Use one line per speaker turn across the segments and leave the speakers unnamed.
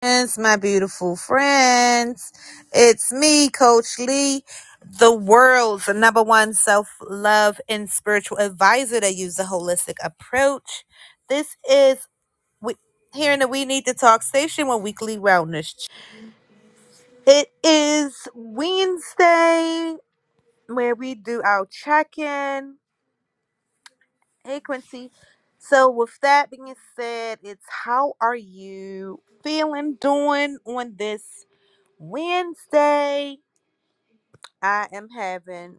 friends, my beautiful friends. It's me, Coach Lee, the world's number one self love and spiritual advisor that uses a holistic approach. This is we, here in the We Need to Talk station with weekly wellness. It is Wednesday where we do our check in. Hey, Quincy. So, with that being said, it's how are you feeling, doing on this Wednesday? I am having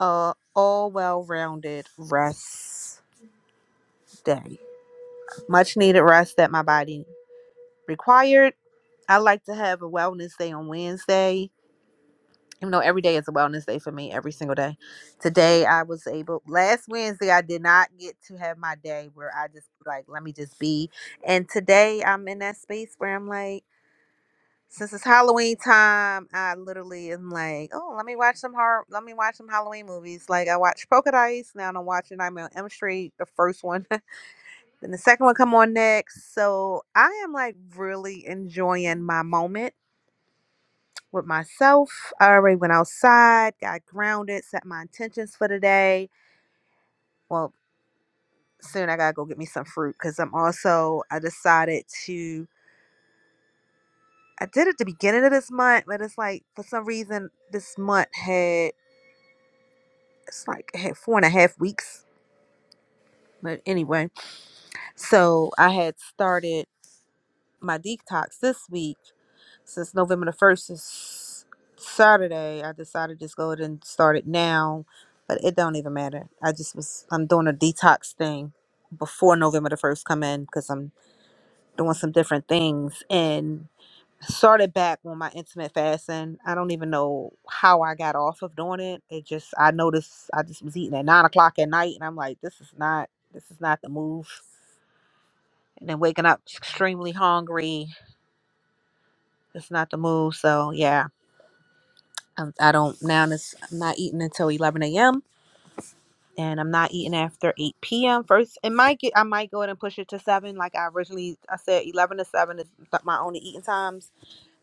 a all well rounded rest day. Much needed rest that my body required. I like to have a wellness day on Wednesday. Even though every day is a wellness day for me, every single day. Today I was able last Wednesday I did not get to have my day where I just like let me just be. And today I'm in that space where I'm like Since it's Halloween time, I literally am like, oh, let me watch some horror. Let me watch some Halloween movies. Like I watched Polka Dice. Now I'm watching Nightmare on Elm Street, the first one. then the second one come on next. So I am like really enjoying my moment with myself. I already went outside, got grounded, set my intentions for the day. Well, soon I gotta go get me some fruit because I'm also I decided to. I did it at the beginning of this month, but it's like for some reason this month had. it's like a half- four and a half weeks. But anyway, so I had started my detox this week since November the first is Saturday. I decided to just go ahead and start it now, but it don't even matter. I just was I'm doing a detox thing before November the first come in because I'm doing some different things and. started back on my intermittent fasting. I don't even know how I got off of doing it. It just I noticed I just was eating at nine o'clock at night, and I'm like, this is not this is not the move. And then waking up extremely hungry, it's not the move. So yeah, I'm, I don't now. This I'm not eating until eleven a.m. and I'm not eating after eight p.m. First, it might get I might go ahead and push it to seven, like I originally I said, eleven to seven is my only eating times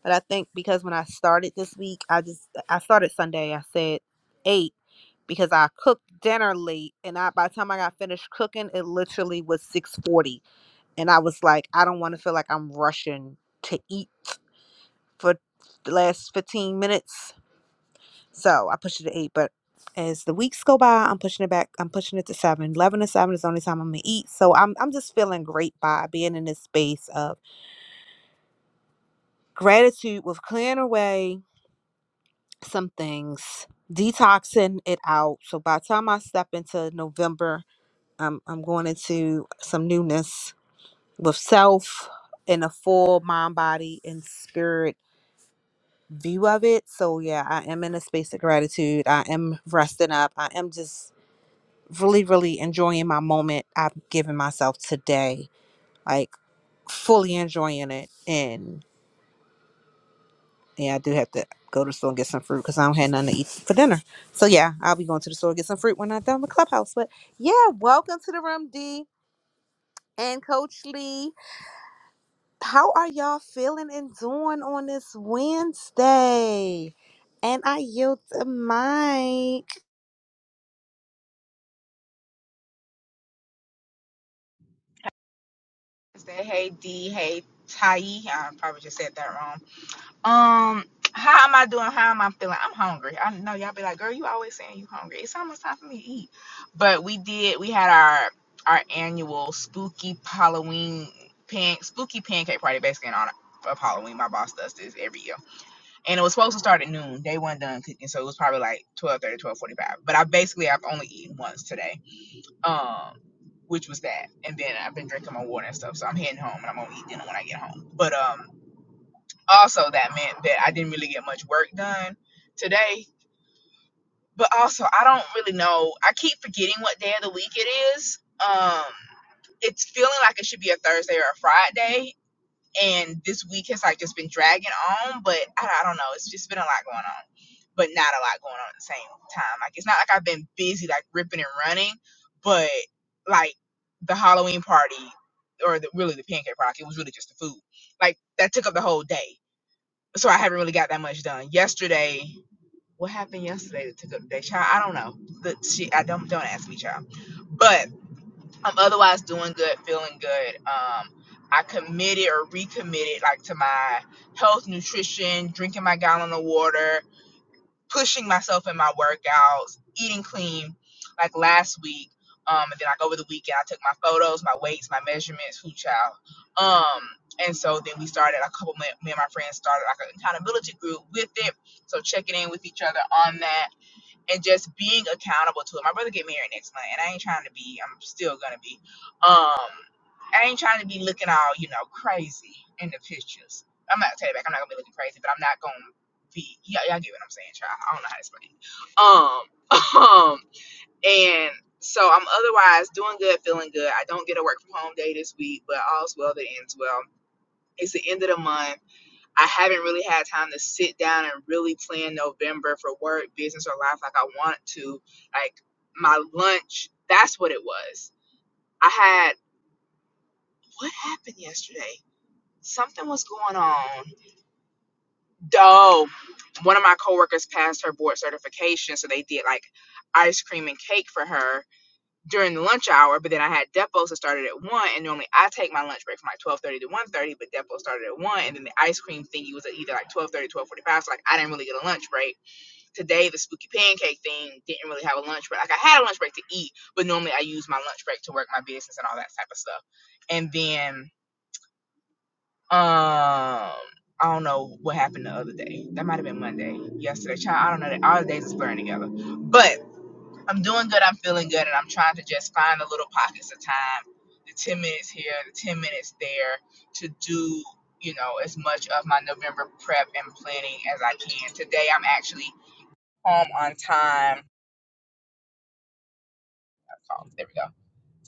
But I think because when I started this week, I just I started Sunday. I said eight because I cooked dinner late, and I by the time I got finished cooking, it literally was six forty, and I was like, I don't want to feel like I'm rushing to eat for the last fifteen minutes, so I pushed it to eight. But as the weeks go by, I'm pushing it back. I'm pushing it to seven. Eleven to seven is the only time I'm gonna eat. So I'm I'm just feeling great by being in this space of gratitude with clearing away some things, detoxing it out. So by the time I step into November, um, I'm going into some newness with self in a full mind, body, and spirit view of it. So yeah, I am in a space of gratitude. I am resting up. I am just really, really enjoying my moment I've given myself today. Like fully enjoying it. and. Yeah, I do have to go to the store and get some fruit because I don't have nothing to eat for dinner. So yeah, I'll be going to the store and get some fruit when I'm done with Clubhouse. But yeah, welcome to the room, D and Coach Lee. How are y'all feeling and doing on this Wednesday? And I yield the mic.
Wednesday. Hey D, hey Tai. I probably just said that wrong. Um, how am I doing? How am I feeling? I'm hungry. I know y'all be like, girl, you always saying you hungry. It's almost time for me to eat. But we did. We had our our annual spooky Halloween pan spooky pancake party, basically in honor of Halloween. My boss does this every year, and it was supposed to start at noon. They weren't done cooking, so it was probably like 12:30, 12:45. But I basically I've only eaten once today um, which was that. And then I've been drinking my water and stuff, so I'm heading home and I'm gonna eat dinner when I get home. But um, also that meant that I didn't really get much work done today. But also, I don't really know. I keep forgetting what day of the week it is. Um, it's feeling like it should be a Thursday or a Friday, and this week has like just been dragging on but I, I don't know it's just been a lot going on but not a lot going on at the same time like it's not like i've been busy like ripping and running but like the halloween party or the, really the pancake party it was really just the food like that took up the whole day so i haven't really got that much done yesterday what happened yesterday that took up the day child i don't know the, she, i don't don't ask me child but I'm otherwise doing good, feeling good. Um, I committed or recommitted like to my health, nutrition, drinking my gallon of water, pushing myself in my workouts, eating clean. Like last week, um, and then like over the weekend, I took my photos, my weights, my measurements, who child. Um, and so then we started a couple. Me me and my friends started like an accountability group with it. So checking in with each other on that and just being accountable to it. My brother get married next month, and I ain't trying to be. I'm still gonna be. Um, I ain't trying to be looking all you know crazy in the pictures. I'm not take it back. I'm not gonna be looking crazy, but I'm not gonna be. Yeah, y'all get what I'm saying, child. I don't know how to explain. It. Um, um, and so I'm otherwise doing good, feeling good. I don't get a work from home day this week, but all's well that ends well. It's the end of the month I haven't really had time to sit down and really plan November for work, business, or life like I want to. Like my lunch, that's what it was. I had what happened yesterday? Something was going on. Oh, one of my coworkers passed her board certification, so they did like ice cream and cake for her during the lunch hour. But then I had depots that started at one, and normally I take my lunch break from like twelve thirty to one thirty, but depot started at one, and then the ice cream thingy was at either like twelve thirty, twelve forty five. So like I didn't really get a lunch break today the spooky pancake thing didn't really have a lunch break. Like I had a lunch break to eat, but normally I use my lunch break to work my business and all that type of stuff. And then um I don't know what happened the other day. That might have been Monday, yesterday. Child, I don't know. All the days is blurring together. But I'm doing good. I'm feeling good, and I'm trying to just find the little pockets of time, the ten minutes here, the ten minutes there, to do you know as much of my November prep and planning as I can. Today, I'm actually home on time called. There we go.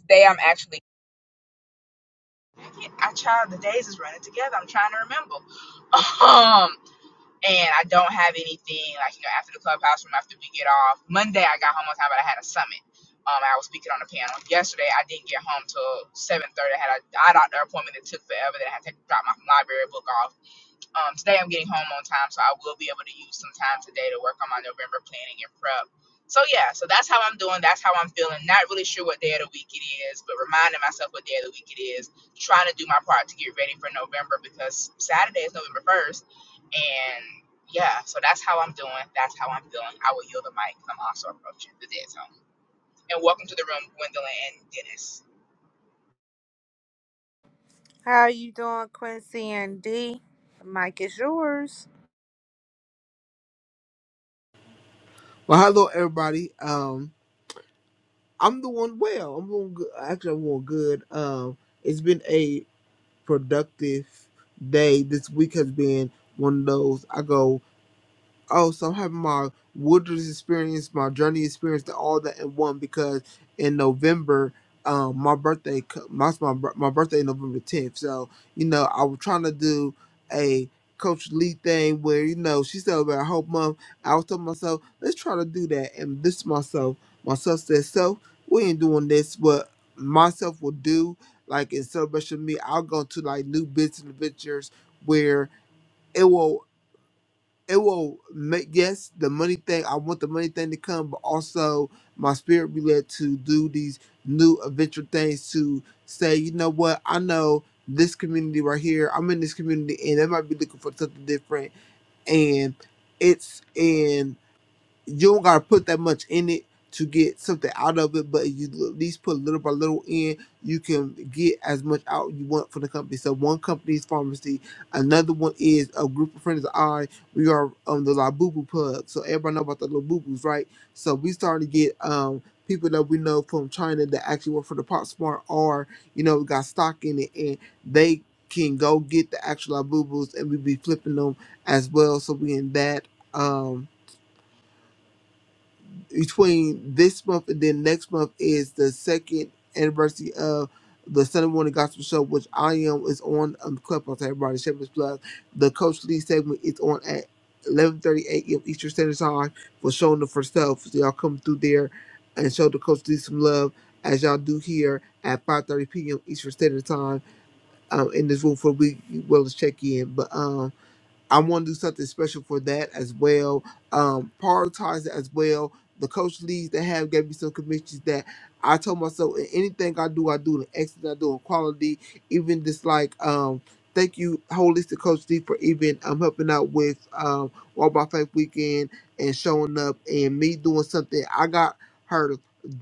Today I'm actually I I tried the days is running together. I'm trying to remember. Um and I don't have anything like you know after the clubhouse room after we get off. Monday I got home on time but I had a summit. Um I was speaking on the panel. Yesterday I didn't get home till seven thirty. I had a eye doctor appointment that took forever then I had to drop my library book off Um, today I'm getting home on time, so I will be able to use some time today to work on my November planning and prep. So yeah, so that's how I'm doing. That's how I'm feeling. Not really sure what day of the week it is, but reminding myself what day of the week it is. Trying to do my part to get ready for November because Saturday is November first, and yeah, so that's how I'm doing. That's how I'm feeling. I will yield the mic. 'cause I'm also approaching the dead zone. And welcome to the room, Gwendolyn and Dennis.
How are you doing, Quincy and D? The mic is yours.
Well, hello everybody. Um, I'm doing well. I'm doing good. Actually, I'm doing good. Um, it's been a productive day. This week has been one of those. I go oh, so I'm having my wilderness experience, my journey experience, and all that in one because in November, um, my birthday, co- my my, bir- my birthday is November 10th. So you know, I was trying to do a Coach Lee thing where you know she celebrated a whole month. I was telling myself, let's try to do that, and this myself, myself said, so we ain't doing this. What myself will do, like in celebration of me, I'll go to like new business adventures where. It will it will make yes the money thing i want the money thing to come but also my spirit be led to do these new adventure things to say you know what i know this community right here i'm in this community and they might be looking for something different and it's in you don't gotta put that much in it to get something out of it, but if you at least put little by little in, you can get as much out you want from the company. So one company is pharmacy, another one is a group of friends of I. We are on the La Boo Boo Pub, so everybody know about the La Boo Boos, right? So we starting to get um people that we know from China that actually work for the Pop Smart or you know got stock in it, and they can go get the actual La Boo Boos, and we be flipping them as well. So we in that. Um, between this month and then next month is the second anniversary of the Sunday morning gospel show, which I am is on um Clubhouse. Everybody, Shepherd's Plug. The Coach Lee segment is on at 11:30 a.m. Eastern Standard Time for showing up for self. So y'all come through there and show the Coach Lee some love as y'all do here at 5:30 p.m. Eastern Standard Time um in this room for we well as check in. But um. I want to do something special for that as well. Um, prioritize it as well. The coach leads they have gave me some commissions that I told myself in anything I do, I do in excellence, I do in quality. Even just like um, thank you, holistic coach Lee, for even um helping out with um Walk by Faith weekend and showing up and me doing something. I got her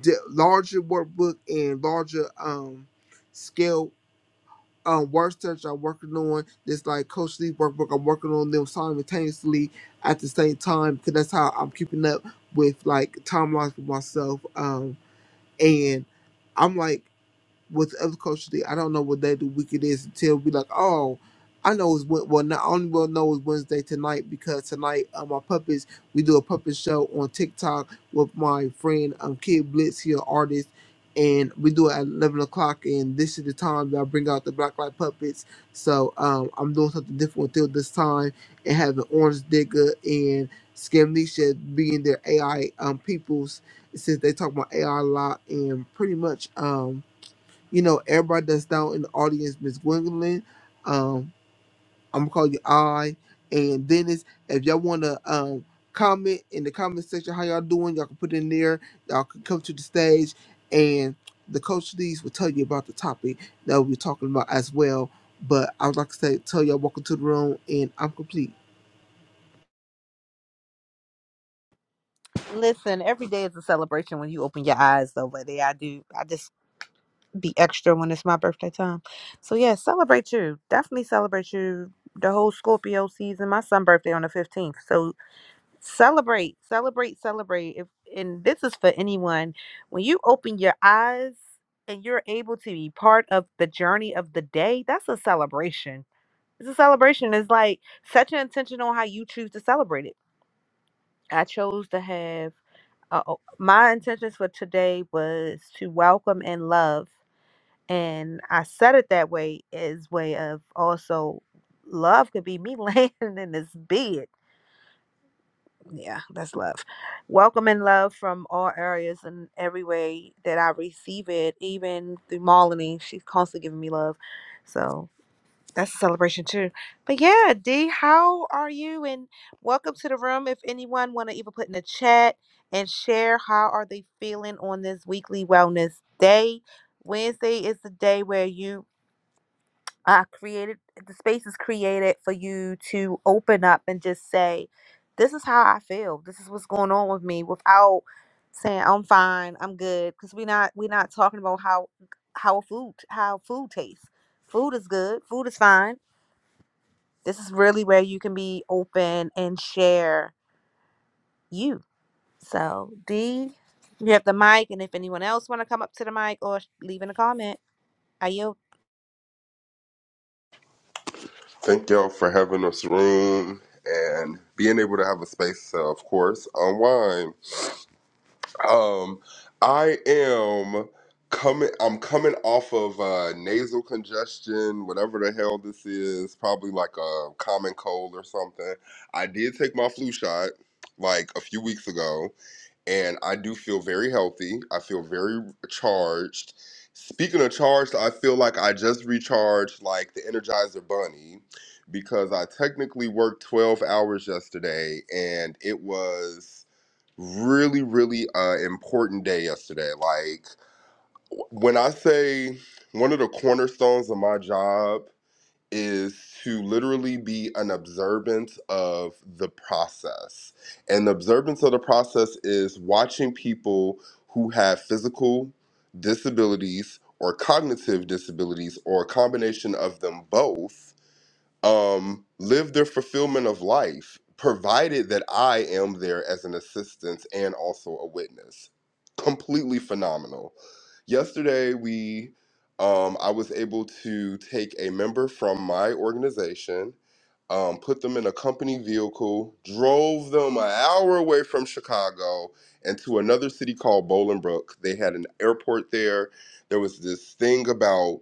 d- larger workbook and larger um scale um work that I'm working on this like Coach Lee workbook. I'm working on them simultaneously at the same time because that's how I'm keeping up with like timelines for myself. Um, and I'm like what the other coaches did. I don't know what day of the week it is until we like, oh, I know it's Wed- well. Not only will know it's Wednesday tonight because tonight um, my puppets we do a puppet show on TikTok with my friend um Kid Blitz, he an artist, and we do it at eleven o'clock. And this is the time that I bring out the black light puppets. So um I'm doing something different until this time and having Orange Digger and Scamnesha being their AI um peoples since they talk about AI a lot and pretty much um you know, everybody that's down in the audience, Miss Gwendolyn, um, I'm gonna call you I and Dennis. If y'all wanna um comment in the comment section how y'all doing, y'all can put it in there, y'all can come to the stage and the coach Lees will tell you about the topic that we're talking about as well. But I would like to say tell y'all welcome to the room and I'm complete.
Listen, every day is a celebration when you open your eyes, though. But yeah, I do. I just be extra when it's my birthday time. So yeah, celebrate you. Definitely celebrate you. The whole Scorpio season. My son' birthday on the fifteenth. So celebrate, celebrate, celebrate. If and this is for anyone, when you open your eyes and you're able to be part of the journey of the day, that's a celebration. It's a celebration. It's like set your intention on how you choose to celebrate it. I chose to have uh, oh, my intentions for today was to welcome and love. And I said it that way as way of also love could be me laying in this bed. Yeah, that's love. Welcome and love from all areas and every way that I receive it, even through Malini. She's constantly giving me love. So that's a celebration too. But yeah, D, how are you? And welcome to the room. If anyone wanna even put in the chat and share how are they feeling on this weekly wellness day. Wednesday is the day where you uh, created the space is created for you to open up and just say this is how i feel this is what's going on with me without saying i'm fine i'm good because we're not we're not talking about how how food how food tastes food is good food is fine this is really where you can be open and share you so d you have the mic and if anyone else want to come up to the mic or sh- leave in a comment are you
Thank y'all for having us room and being able to have a space to, of course, unwind. Um, I am coming. I'm coming off of uh, nasal congestion, whatever the hell this is. Probably like a common cold or something. I did take my flu shot like a few weeks ago and I do feel very healthy. I feel very charged. Speaking of charged, I feel like I just recharged like the Energizer Bunny because I technically worked 12 hours yesterday and it was really really uh important day yesterday like when i say one of the cornerstones of my job is to literally be an observant of the process. And the observance of the process is watching people who have physical disabilities or cognitive disabilities or a combination of them both um, live their fulfillment of life, provided that I am there as an assistance and also a witness. Completely phenomenal. Yesterday, we, um, I was able to take a member from my organization, um, put them in a company vehicle, drove them an hour away from Chicago and to another city called Bolingbrook. They had an airport there. There was this thing about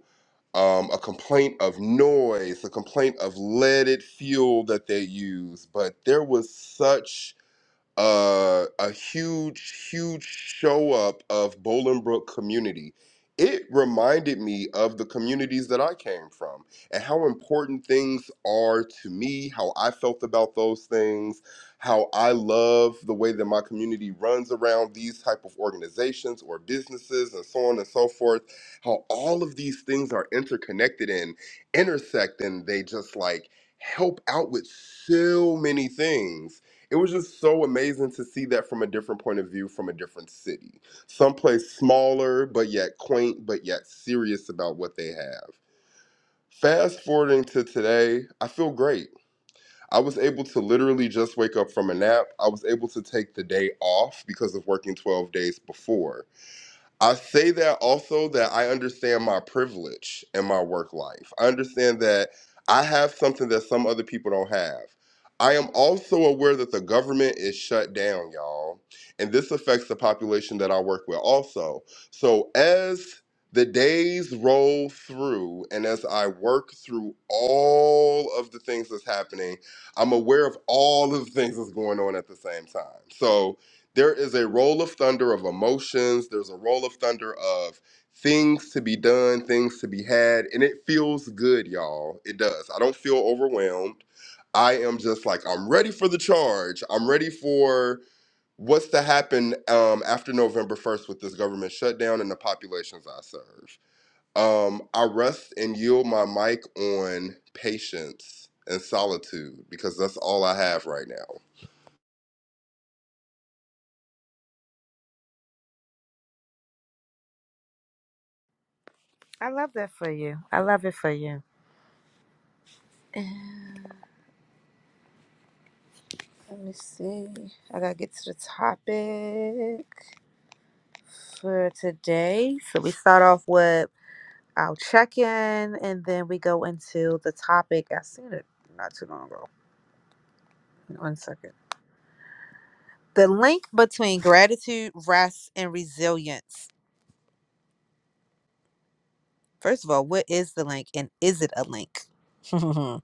um, a complaint of noise, a complaint of leaded fuel that they use. But there was such uh, a huge, huge show up of Bolingbrook community. It reminded me of the communities that I came from and how important things are to me, how I felt about those things, how I love the way that my community runs around these type of organizations or businesses and so on and so forth, how all of these things are interconnected and intersect and they just like help out with so many things it was just so amazing to see that from a different point of view from a different city someplace smaller but yet quaint but yet serious about what they have fast forwarding to today i feel great i was able to literally just wake up from a nap i was able to take the day off because of working 12 days before I say that also that I understand my privilege in my work life. I understand that I have something that some other people don't have. I am also aware that the government is shut down, y'all. And this affects the population that I work with also. So as the days roll through and as I work through all of the things that's happening, I'm aware of all of the things that's going on at the same time. So, there is a roll of thunder of emotions. There's a roll of thunder of things to be done, things to be had, and it feels good, y'all. It does. I don't feel overwhelmed. I am just like I'm ready for the charge. I'm ready for what's to happen um, after November 1st with this government shutdown and the populations I serve. Um, I rest and yield my mic on patience and solitude because that's all I have right now.
i love that for you i love it for you Let me see. I gotta get to the topic for today. So we start off with our check-in, and then we go into the topic. I seen it not too long ago. One second. The link between gratitude, rest, and resilience. First of all, what is the link, and is it a link?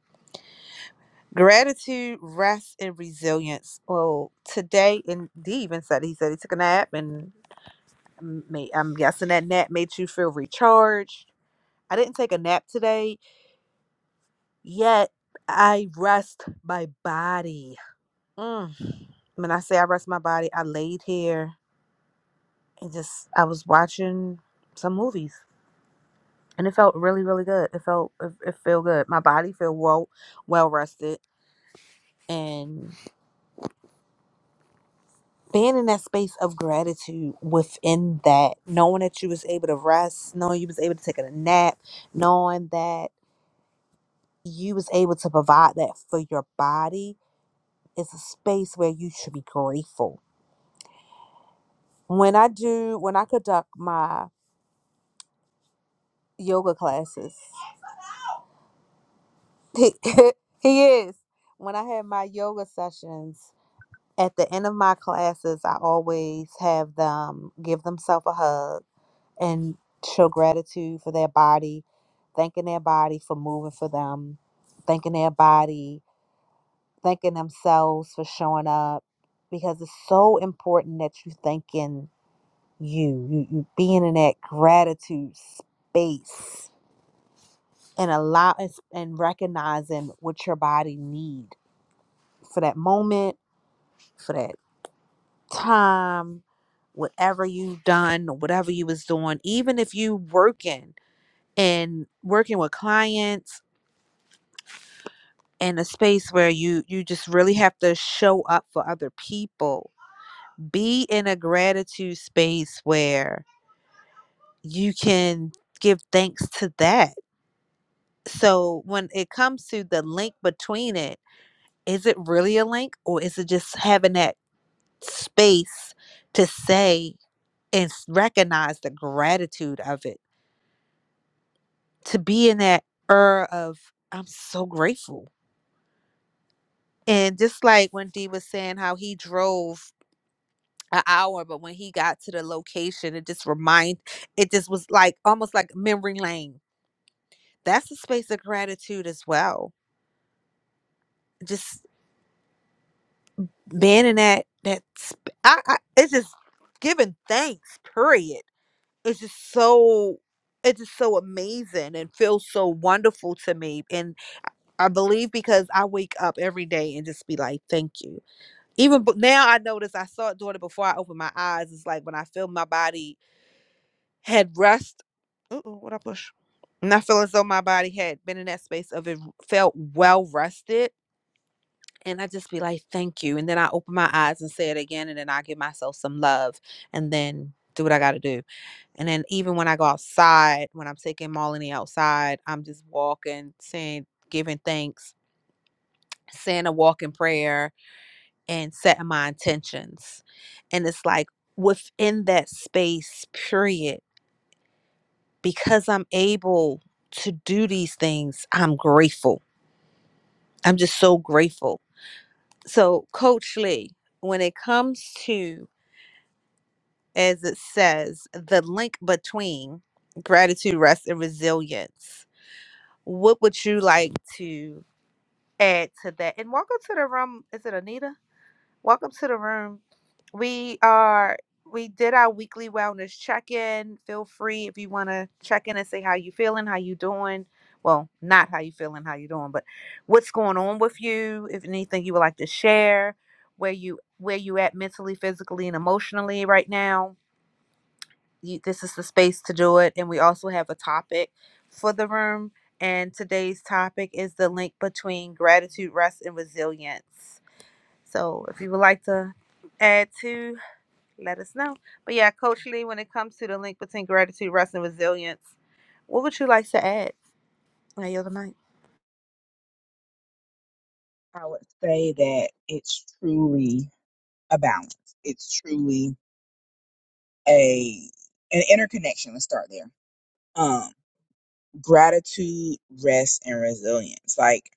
gratitude, rest, and resilience. Well, today, and D even said he said he took a nap, and m- may- I'm guessing that nap made you feel recharged I didn't take a nap today, yet I rest my body. Mm. When I say I rest my body, I laid here and just I was watching some movies, and it felt really, really good. It felt it, it felt good. My body felt well well rested, and being in that space of gratitude within that, knowing that you was able to rest, knowing you was able to take a nap, knowing that you was able to provide that for your body It's a space where you should be grateful. When I do, when I conduct my yoga classes, he, he is. When I have my yoga sessions, at the end of my classes, I always have them give themselves a hug and show gratitude for their body, thanking their body for moving for them, thanking their body, thanking themselves for showing up, because it's so important that you thanking you you you being in that gratitude space and allow and recognizing what your body need for that moment for that time whatever you have done whatever you was doing even if you working and working with clients in a space where you you just really have to show up for other people be in a gratitude space where you can give thanks to that So when it comes to the link between it, is it really a link or is it just having that space to say and s- recognize the gratitude of it? To be in that air of, I'm so grateful. And just like when D was saying how he drove an hour, but when he got to the location, it just remind it just was like almost like memory lane. That's a space of gratitude as well. Just being in that that sp- I, I it's just giving thanks period it's just so it's just so amazing and feels so wonderful to me and i believe because i wake up every day and just be like thank you even but now i notice i saw it doing it before i opened my eyes it's like when i feel my body had rest uh-oh, what i push and i feel as though my body had been in that space of it felt well rested and I just be like, thank you. And then I open my eyes and say it again. And then I give myself some love and then do what I got to do. And then even when I go outside, when I'm taking Molly outside, I'm just walking, saying, giving thanks, saying a walking prayer, and setting my intentions. And it's like within that space, period, because I'm able to do these things, I'm grateful. I'm just so grateful. So, Coach Lee, when it comes to as it says, the link between gratitude, rest, and resilience. What would you like to add to that? And welcome to the room. Is it Anita? Welcome to the room. We are we did our weekly wellness check-in. Feel free if you want to check in and say how you feeling, how you doing. Well, not how you feeling, how you doing, but what's going on with you, if anything you would like to share, where you where you at mentally, physically, and emotionally right now you, this is the space to do it. And we also have a topic for the room. And today's topic is the link between gratitude, rest, and resilience. So if you would like to add to, let us know. But yeah, Coach Lee, when it comes to the link between gratitude, rest, and resilience, what would you like to add? I yield the mic.
I would say that it's truly a balance. It's truly a an interconnection. Let's start there. Um, gratitude, rest, and resilience. Like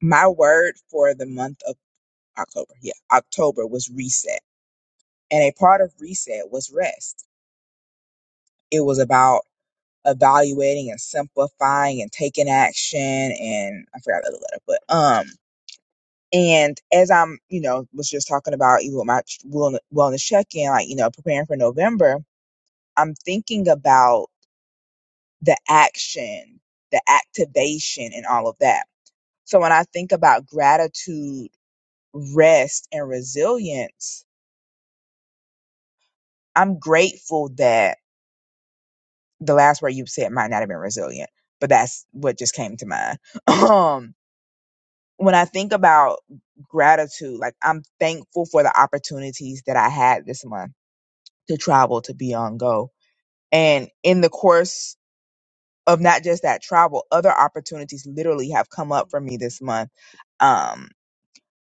my word for the month of October, yeah, October was reset, and a part of reset was rest. It was about evaluating and simplifying and taking action, and I forgot the other letter, but um. And as I'm, you know, was just talking about even with my wellness check in, like, you know, preparing for November, I'm thinking about the action, the activation, and all of that. So when I think about gratitude, rest, and resilience, I'm grateful that the last word you said might not have been resilient, but that's what just came to mind. Um, when I think about gratitude, like I'm thankful for the opportunities that I had this month to travel to be on Go. And in the course of not just that travel, other opportunities literally have come up for me this month. Um,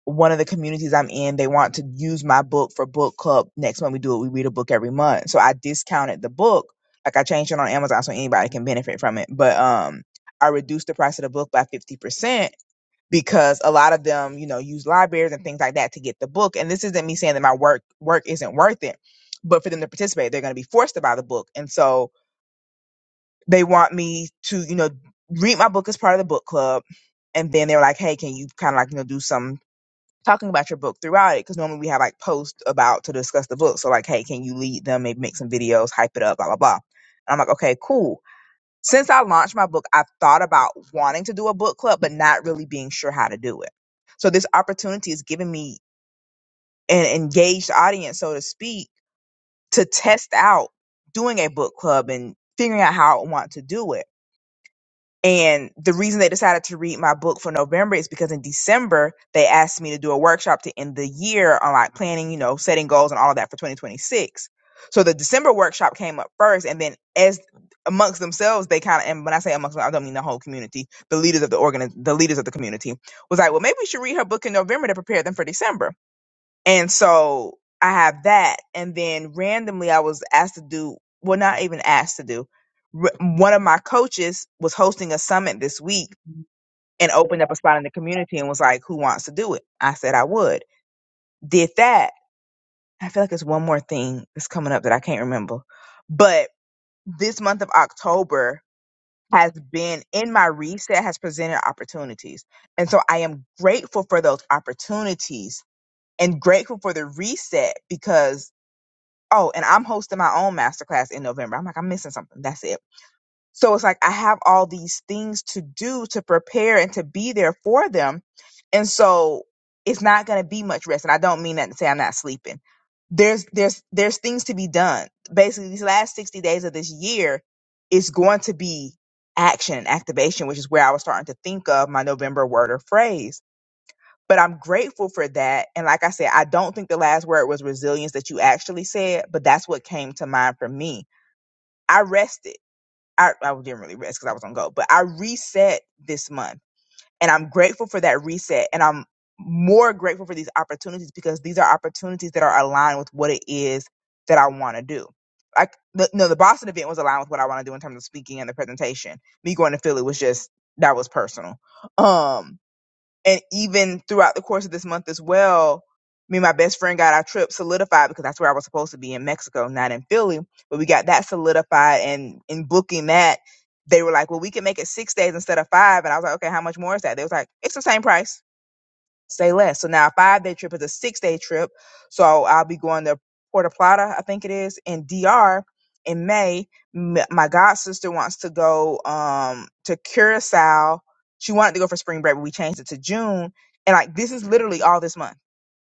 one of the communities I'm in, they want to use my book for book club. Next month we do it, we read a book every month. So I discounted the book. Like I changed it on Amazon so anybody can benefit from it. But um I reduced the price of the book by fifty percent because a lot of them, you know, use libraries and things like that to get the book. And this isn't me saying that my work work isn't worth it, but for them to participate, they're gonna be forced to buy the book. And so they want me to, you know, read my book as part of the book club and then they were like, "Hey, can you kind of like you know do some talking about your book throughout it because normally we have like posts about to discuss the book. So like, hey, can you lead them? Maybe make some videos, hype it up, blah blah blah. And I'm like, okay, cool. Since I launched my book, I've thought about wanting to do a book club, but not really being sure how to do it. So this opportunity is giving me an engaged audience, so to speak, to test out doing a book club and figuring out how I want to do it and the reason they decided to read my book for November is because in December they asked me to do a workshop to end the year on like planning, you know, setting goals and all of that for 2026. So the December workshop came up first, and then as amongst themselves, they kind of and when I say amongst, I don't mean the whole community, the leaders of the organ, the leaders of the community was like, well, maybe we should read her book in November to prepare them for December. And so I have that. And then randomly I was asked to do, well, not even asked to do. R- One of my coaches was hosting a summit this week and opened up a spot in the community and was like, who wants to do it? I said I would. Did that. I feel like it's one more thing that's coming up that I can't remember. But this month of October has been in my reset, has presented opportunities. And so I am grateful for those opportunities and grateful for the reset because oh, and I'm hosting my own masterclass in November. I'm like, I'm missing something. That's it. So it's like I have all these things to do to prepare and to be there for them. And so it's not going to be much rest. And I don't mean that to say I'm not sleeping. There's there's there's things to be done. Basically, these last 60 days of this year is going to be action and activation, which is where I was starting to think of my November word or phrase but I'm grateful for that. And like I said, I don't think the last word was resilience that you actually said, but that's what came to mind for me. I rested. I, I didn't really rest because I was on go, but I reset this month and I'm grateful for that reset. And I'm more grateful for these opportunities because these are opportunities that are aligned with what it is that I want to do. Like, the, no, the Boston event was aligned with what I want to do in terms of speaking and the presentation. Me going to Philly was just, that was personal. Um, and even throughout the course of this month as well, me and my best friend got our trip solidified because that's where I was supposed to be in Mexico, not in Philly. But we got that solidified, and in booking that, they were like, "Well, we can make it six days instead of five." And I was like, "Okay, how much more is that?" They was like, "It's the same price." stay less. So now a five day trip is a six day trip. So I'll be going to Puerto Plata, I think it is, in DR in May. M- My god sister wants to go um to Curacao. She wanted to go for spring break, but we changed it to June. And like this is literally all this month.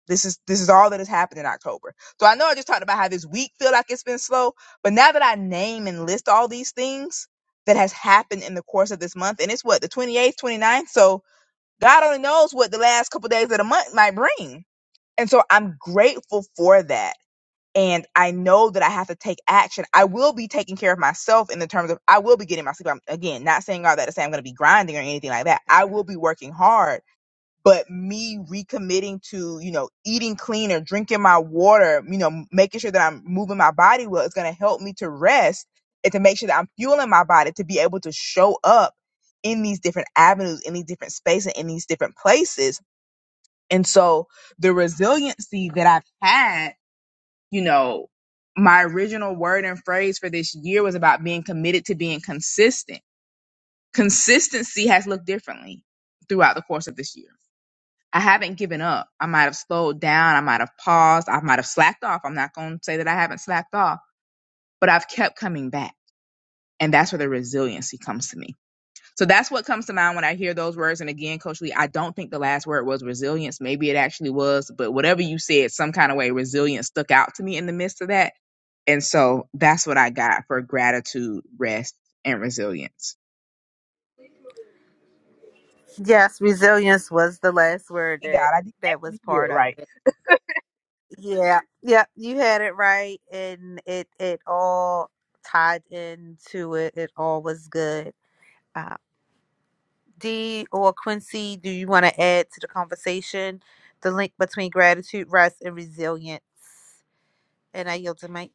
This is this is all that has happened in October. So I know I just talked about how this week feel like it's been slow, but now that I name and list all these things that has happened in the course of this month, and it's what the 28th, eighth, twenty ninth. So God only knows what the last couple days of the month might bring. And so I'm grateful for that. And I know that I have to take action. I will be taking care of myself in the terms of I will be getting my sleep. I'm, again, not saying all that to say I'm going to be grinding or anything like that. I will be working hard but me recommitting to you know eating clean or drinking my water you know making sure that i'm moving my body well is going to help me to rest and to make sure that i'm fueling my body to be able to show up in these different avenues in these different spaces in these different places and so the resiliency that i've had you know my original word and phrase for this year was about being committed to being consistent consistency has looked differently throughout the course of this year I haven't given up. I might have slowed down. I might have paused. I might have slacked off. I'm not going to say that I haven't slacked off, but I've kept coming back. And that's where the resiliency comes to me. So that's what comes to mind when I hear those words. And again, Coach Lee, I don't think the last word was resilience. Maybe it actually was, but whatever you said, some kind of way, resilience stuck out to me in the midst of that. And so that's what I got for gratitude, rest, and resilience.
Yes, resilience was the last word
God,
that
I didn't
that
actually
was
hear
part
it
of it.
right.
Yeah, yeah, you had it right, and it it all tied into it. It all was good. Uh, D or Quincy, do you want to add to the conversation the link between gratitude, rest, and resilience? And I yield the mic.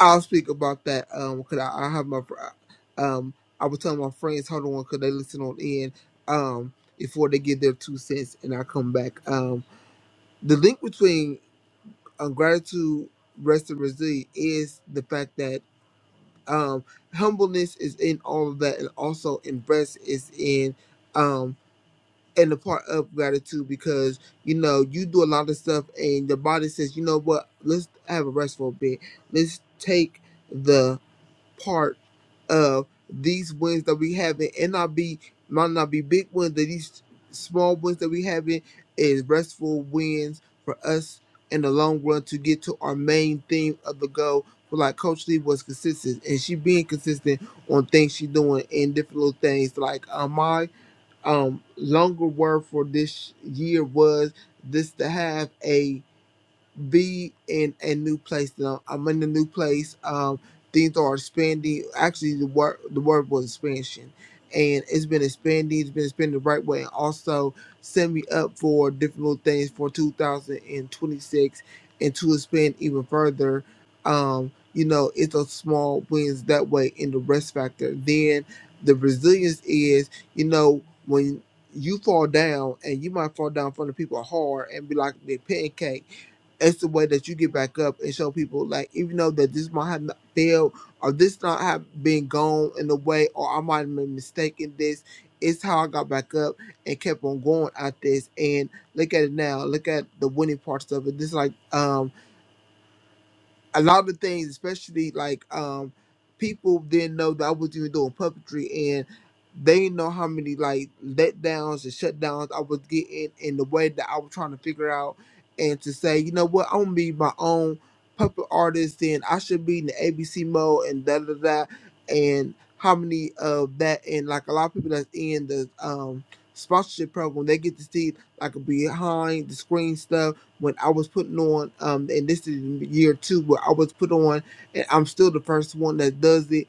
I'll speak about that. Um, cause I, I have my, fr- um, I was telling my friends, hold on, cause they listen on in, um, before they give their two cents, and I come back. Um, the link between um, gratitude, rest, and resilience is the fact that um, humbleness is in all of that, and also in rest is in, um, and the part of gratitude because you know you do a lot of stuff, and the body says, you know what, let's have a rest for a bit. Let's take the part of these wins that we have in NRB might not be big wins, that these small wins that we have in is restful wins for us in the long run to get to our main theme of the goal. But like Coach Lee was consistent and she being consistent on things she doing and different little things. Like um, my um longer word for this year was this to have a be in a new place. Now I'm in a new place. Um, things are expanding. Actually, the word the word was expansion, and it's been expanding. It's been expanding the right way, and also set me up for different little things for 2026, and twenty-six, and to expand even further. Um, you know, it's a small wins that way in the rest factor. Then the resilience is, you know, when you fall down and you might fall down in front of people hard and be like the pancake it's the way that you get back up and show people like even though that this might have not failed or this not have been gone in a way or I might have been mistaken this it's how I got back up and kept on going at this and look at it now look at the winning parts of it this like um, a lot of things, especially like um people didn't know that I was even doing puppetry and they didn't know how many like letdowns and shutdowns I was getting in the way that I was trying to figure out and to say, you know what, I'm gonna be my own puppet artist and I should be in the ABC mode and da da da and how many of that and like a lot of people that's in the um sponsorship program they get to see like behind the screen stuff when I was putting on, um, and this is year two where I was put on, and I'm still the first one that does it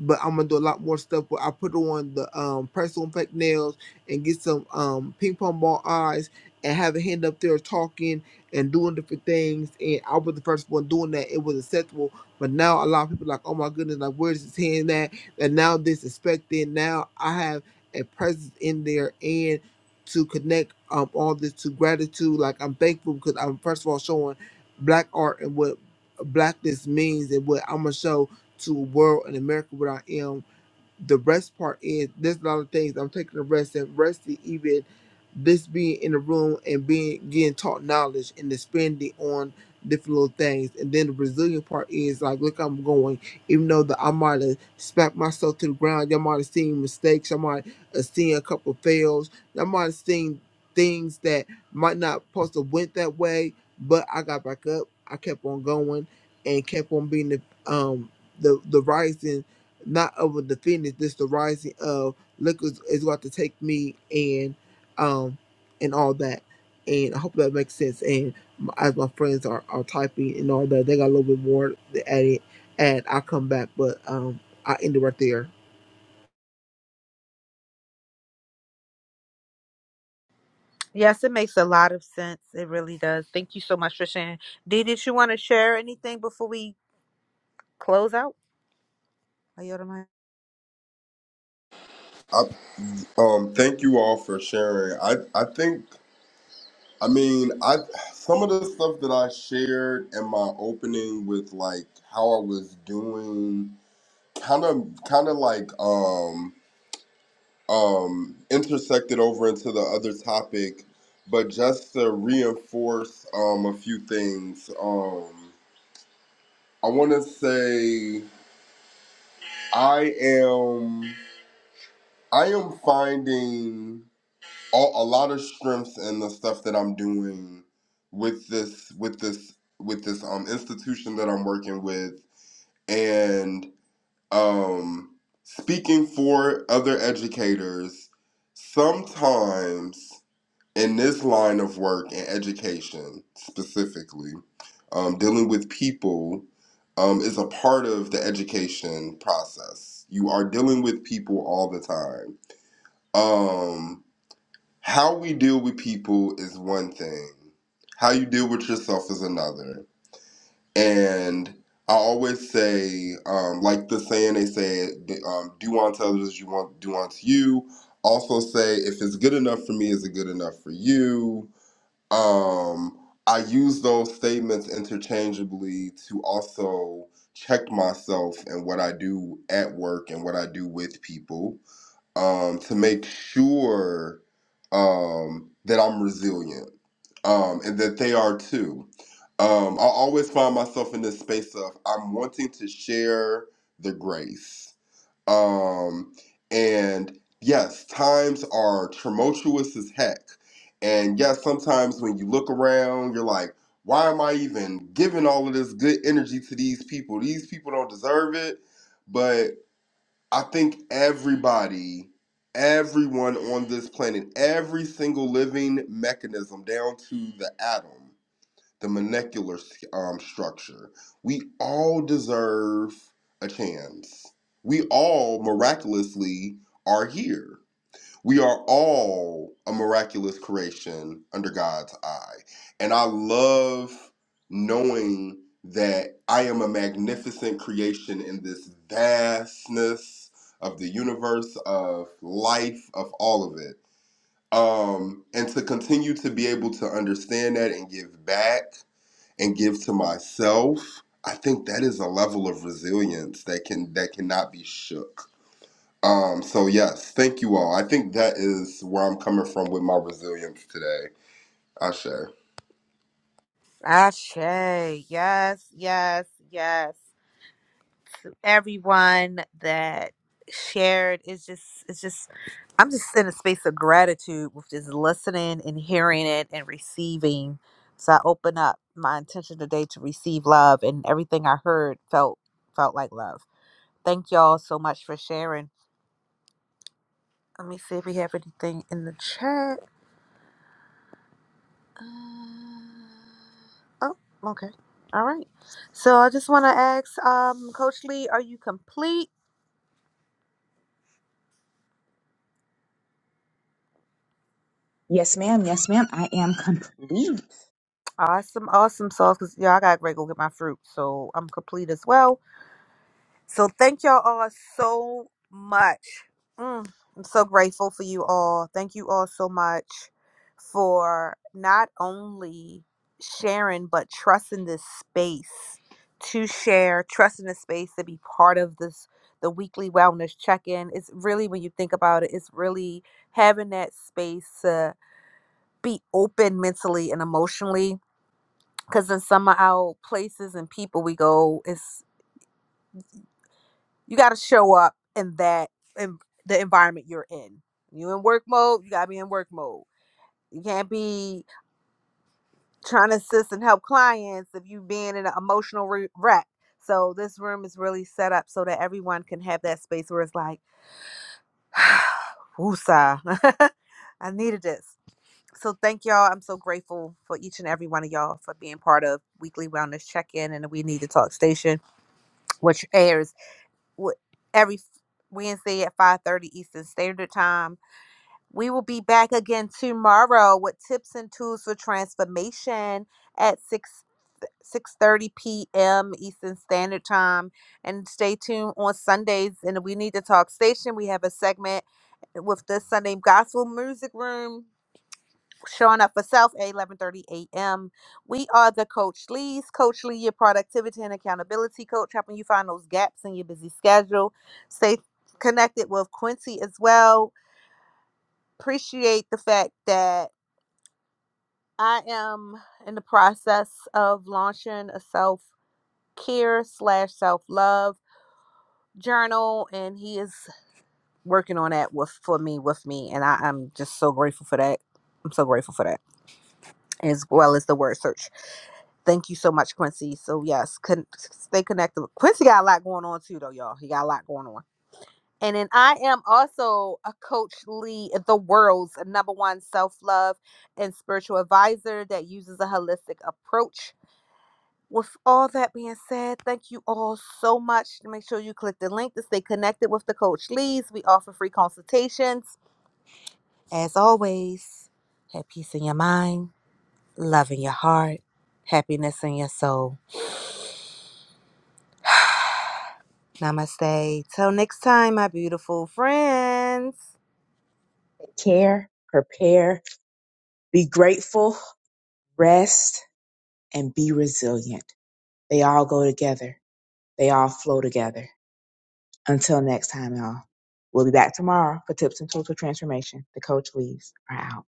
but I'm gonna do a lot more stuff. But I put on the um personal fake nails and get some um ping pong ball eyes and have a hand up there talking and doing different things. And I was the first one doing that. It was acceptable, but now a lot of people are like, oh my goodness, like where's his hand at? And now this is expected. Now I have a presence in there and to connect um all this to gratitude. Like I'm thankful because I'm first of all showing black art and what blackness means and what I'm gonna show to a world in America without M the rest part is there's a lot of things I'm taking a rest and rest even this being in the room and being getting taught knowledge and expanding on different little things and then the resilient part is like look I'm going even though that I might have smacked myself to the ground y'all might have seen mistakes I might have seen a couple fails I might have seen things that might not supposed to went that way but I got back up I kept on going and kept on being the um the the rising not of the thing this the rising of look is, is about to take me and um and all that and i hope that makes sense and m- as my friends are, are typing and all that they got a little bit more to add it and i'll come back but um i end it right there
Yes, it makes a lot of sense. It really does. Thank you so much for sharing. Dee, did you want to share anything before we close out? I yield the mic.
Um, thank you all for sharing. I I think I mean I some of the stuff that I shared in my opening with like how I was doing kind of kind of like um um intersected over into the other topic, but just to reinforce um a few things. Um I want to say I am I am finding all, a lot of strength in the stuff that I'm doing with this with this with this um institution that I'm working with and um speaking for other educators sometimes in this line of work and education specifically um, dealing with people um, is a part of the education process you are dealing with people all the time um, how we deal with people is one thing, how you deal with yourself is another. And I always say, um, like the saying they say, um, do unto others as you want, do unto you. Also say, if it's good enough for me, is it good enough for you? Um, I use those statements interchangeably to also check myself and what I do at work and what I do with people um, to make sure um, that I'm resilient um, and that they are too. Um, I always find myself in this space of I'm wanting to share the grace. Um, and yes, times are tumultuous as heck. And yes, sometimes when you look around, you're like, why am I even giving all of this good energy to these people? These people don't deserve it. But I think everybody, everyone on this planet, every single living mechanism down to the atom, the molecular um, structure, we all deserve a chance. We all miraculously are here. We are all a miraculous creation under God's eye. And I love knowing that I am a magnificent creation in this vastness of the universe, of life, of all of it. Um, and to continue to be able to understand that and give back and give to myself, I think that is a level of resilience that can that cannot be shook um, so yes, thank you all. I think that is where I'm coming from with my resilience today. Ashe.
Ashe. Yes, yes, yes. everyone that shared is just it's just i'm just in a space of gratitude with just listening and hearing it and receiving so i open up my intention today to receive love and everything i heard felt felt like love thank y'all so much for sharing let me see if we have anything in the chat uh, oh okay all right so i just want to ask um coach lee are you complete
Yes, ma'am. Yes, ma'am. I am complete.
Awesome, awesome sauce. Cause yeah, I gotta go get my fruit, so I'm complete as well. So thank y'all all so much. Mm, I'm so grateful for you all. Thank you all so much for not only sharing but trusting this space to share, trusting the space to be part of this the weekly wellness check-in. It's really when you think about it, it's really having that space to be open mentally and emotionally Cause in some of our places and people we go, it's you gotta show up in that in the environment you're in. You in work mode, you gotta be in work mode. You can't be trying to assist and help clients if you being in an emotional re- wreck. So this room is really set up so that everyone can have that space where it's like, woosah, I needed this. So thank y'all. I'm so grateful for each and every one of y'all for being part of Weekly Wellness Check-In and the We Need to Talk Station which airs w- every Wednesday at 5:30 Eastern Standard Time. We will be back again tomorrow with tips and tools for transformation at 6 6:30 p.m. Eastern Standard Time and stay tuned on Sundays in the We Need to Talk station. We have a segment with the Sunday Gospel Music Room showing up for self at 11:30 a.m. We are the Coach Lee's, Coach Lee, your productivity and accountability coach, helping you find those gaps in your busy schedule. Stay connected with Quincy as well. Appreciate the fact that I am in the process of launching a self care slash self love journal, and he is working on that with for me with me, and I, I'm just so grateful for that. I'm so grateful for that. as well as the word search. Thank you so much, Quincy. So yes, con- stay connected. Quincy got a lot going on too, though, y'all. He got a lot going on. And then I am also a Coach Lee, the world's number one self love and spiritual advisor that uses a holistic approach. With all that being said, thank you all so much. Make sure you click the link to stay connected with the Coach Lees. We offer free consultations. As always, have peace in your mind love in your heart, happiness in your soul. Namaste. Till next time, my beautiful friends.
care, prepare, be grateful, rest, and be resilient. They all go together. They all flow together. Until next time, y'all. We'll be back tomorrow for tips and tools for transformation. The coach leaves are out.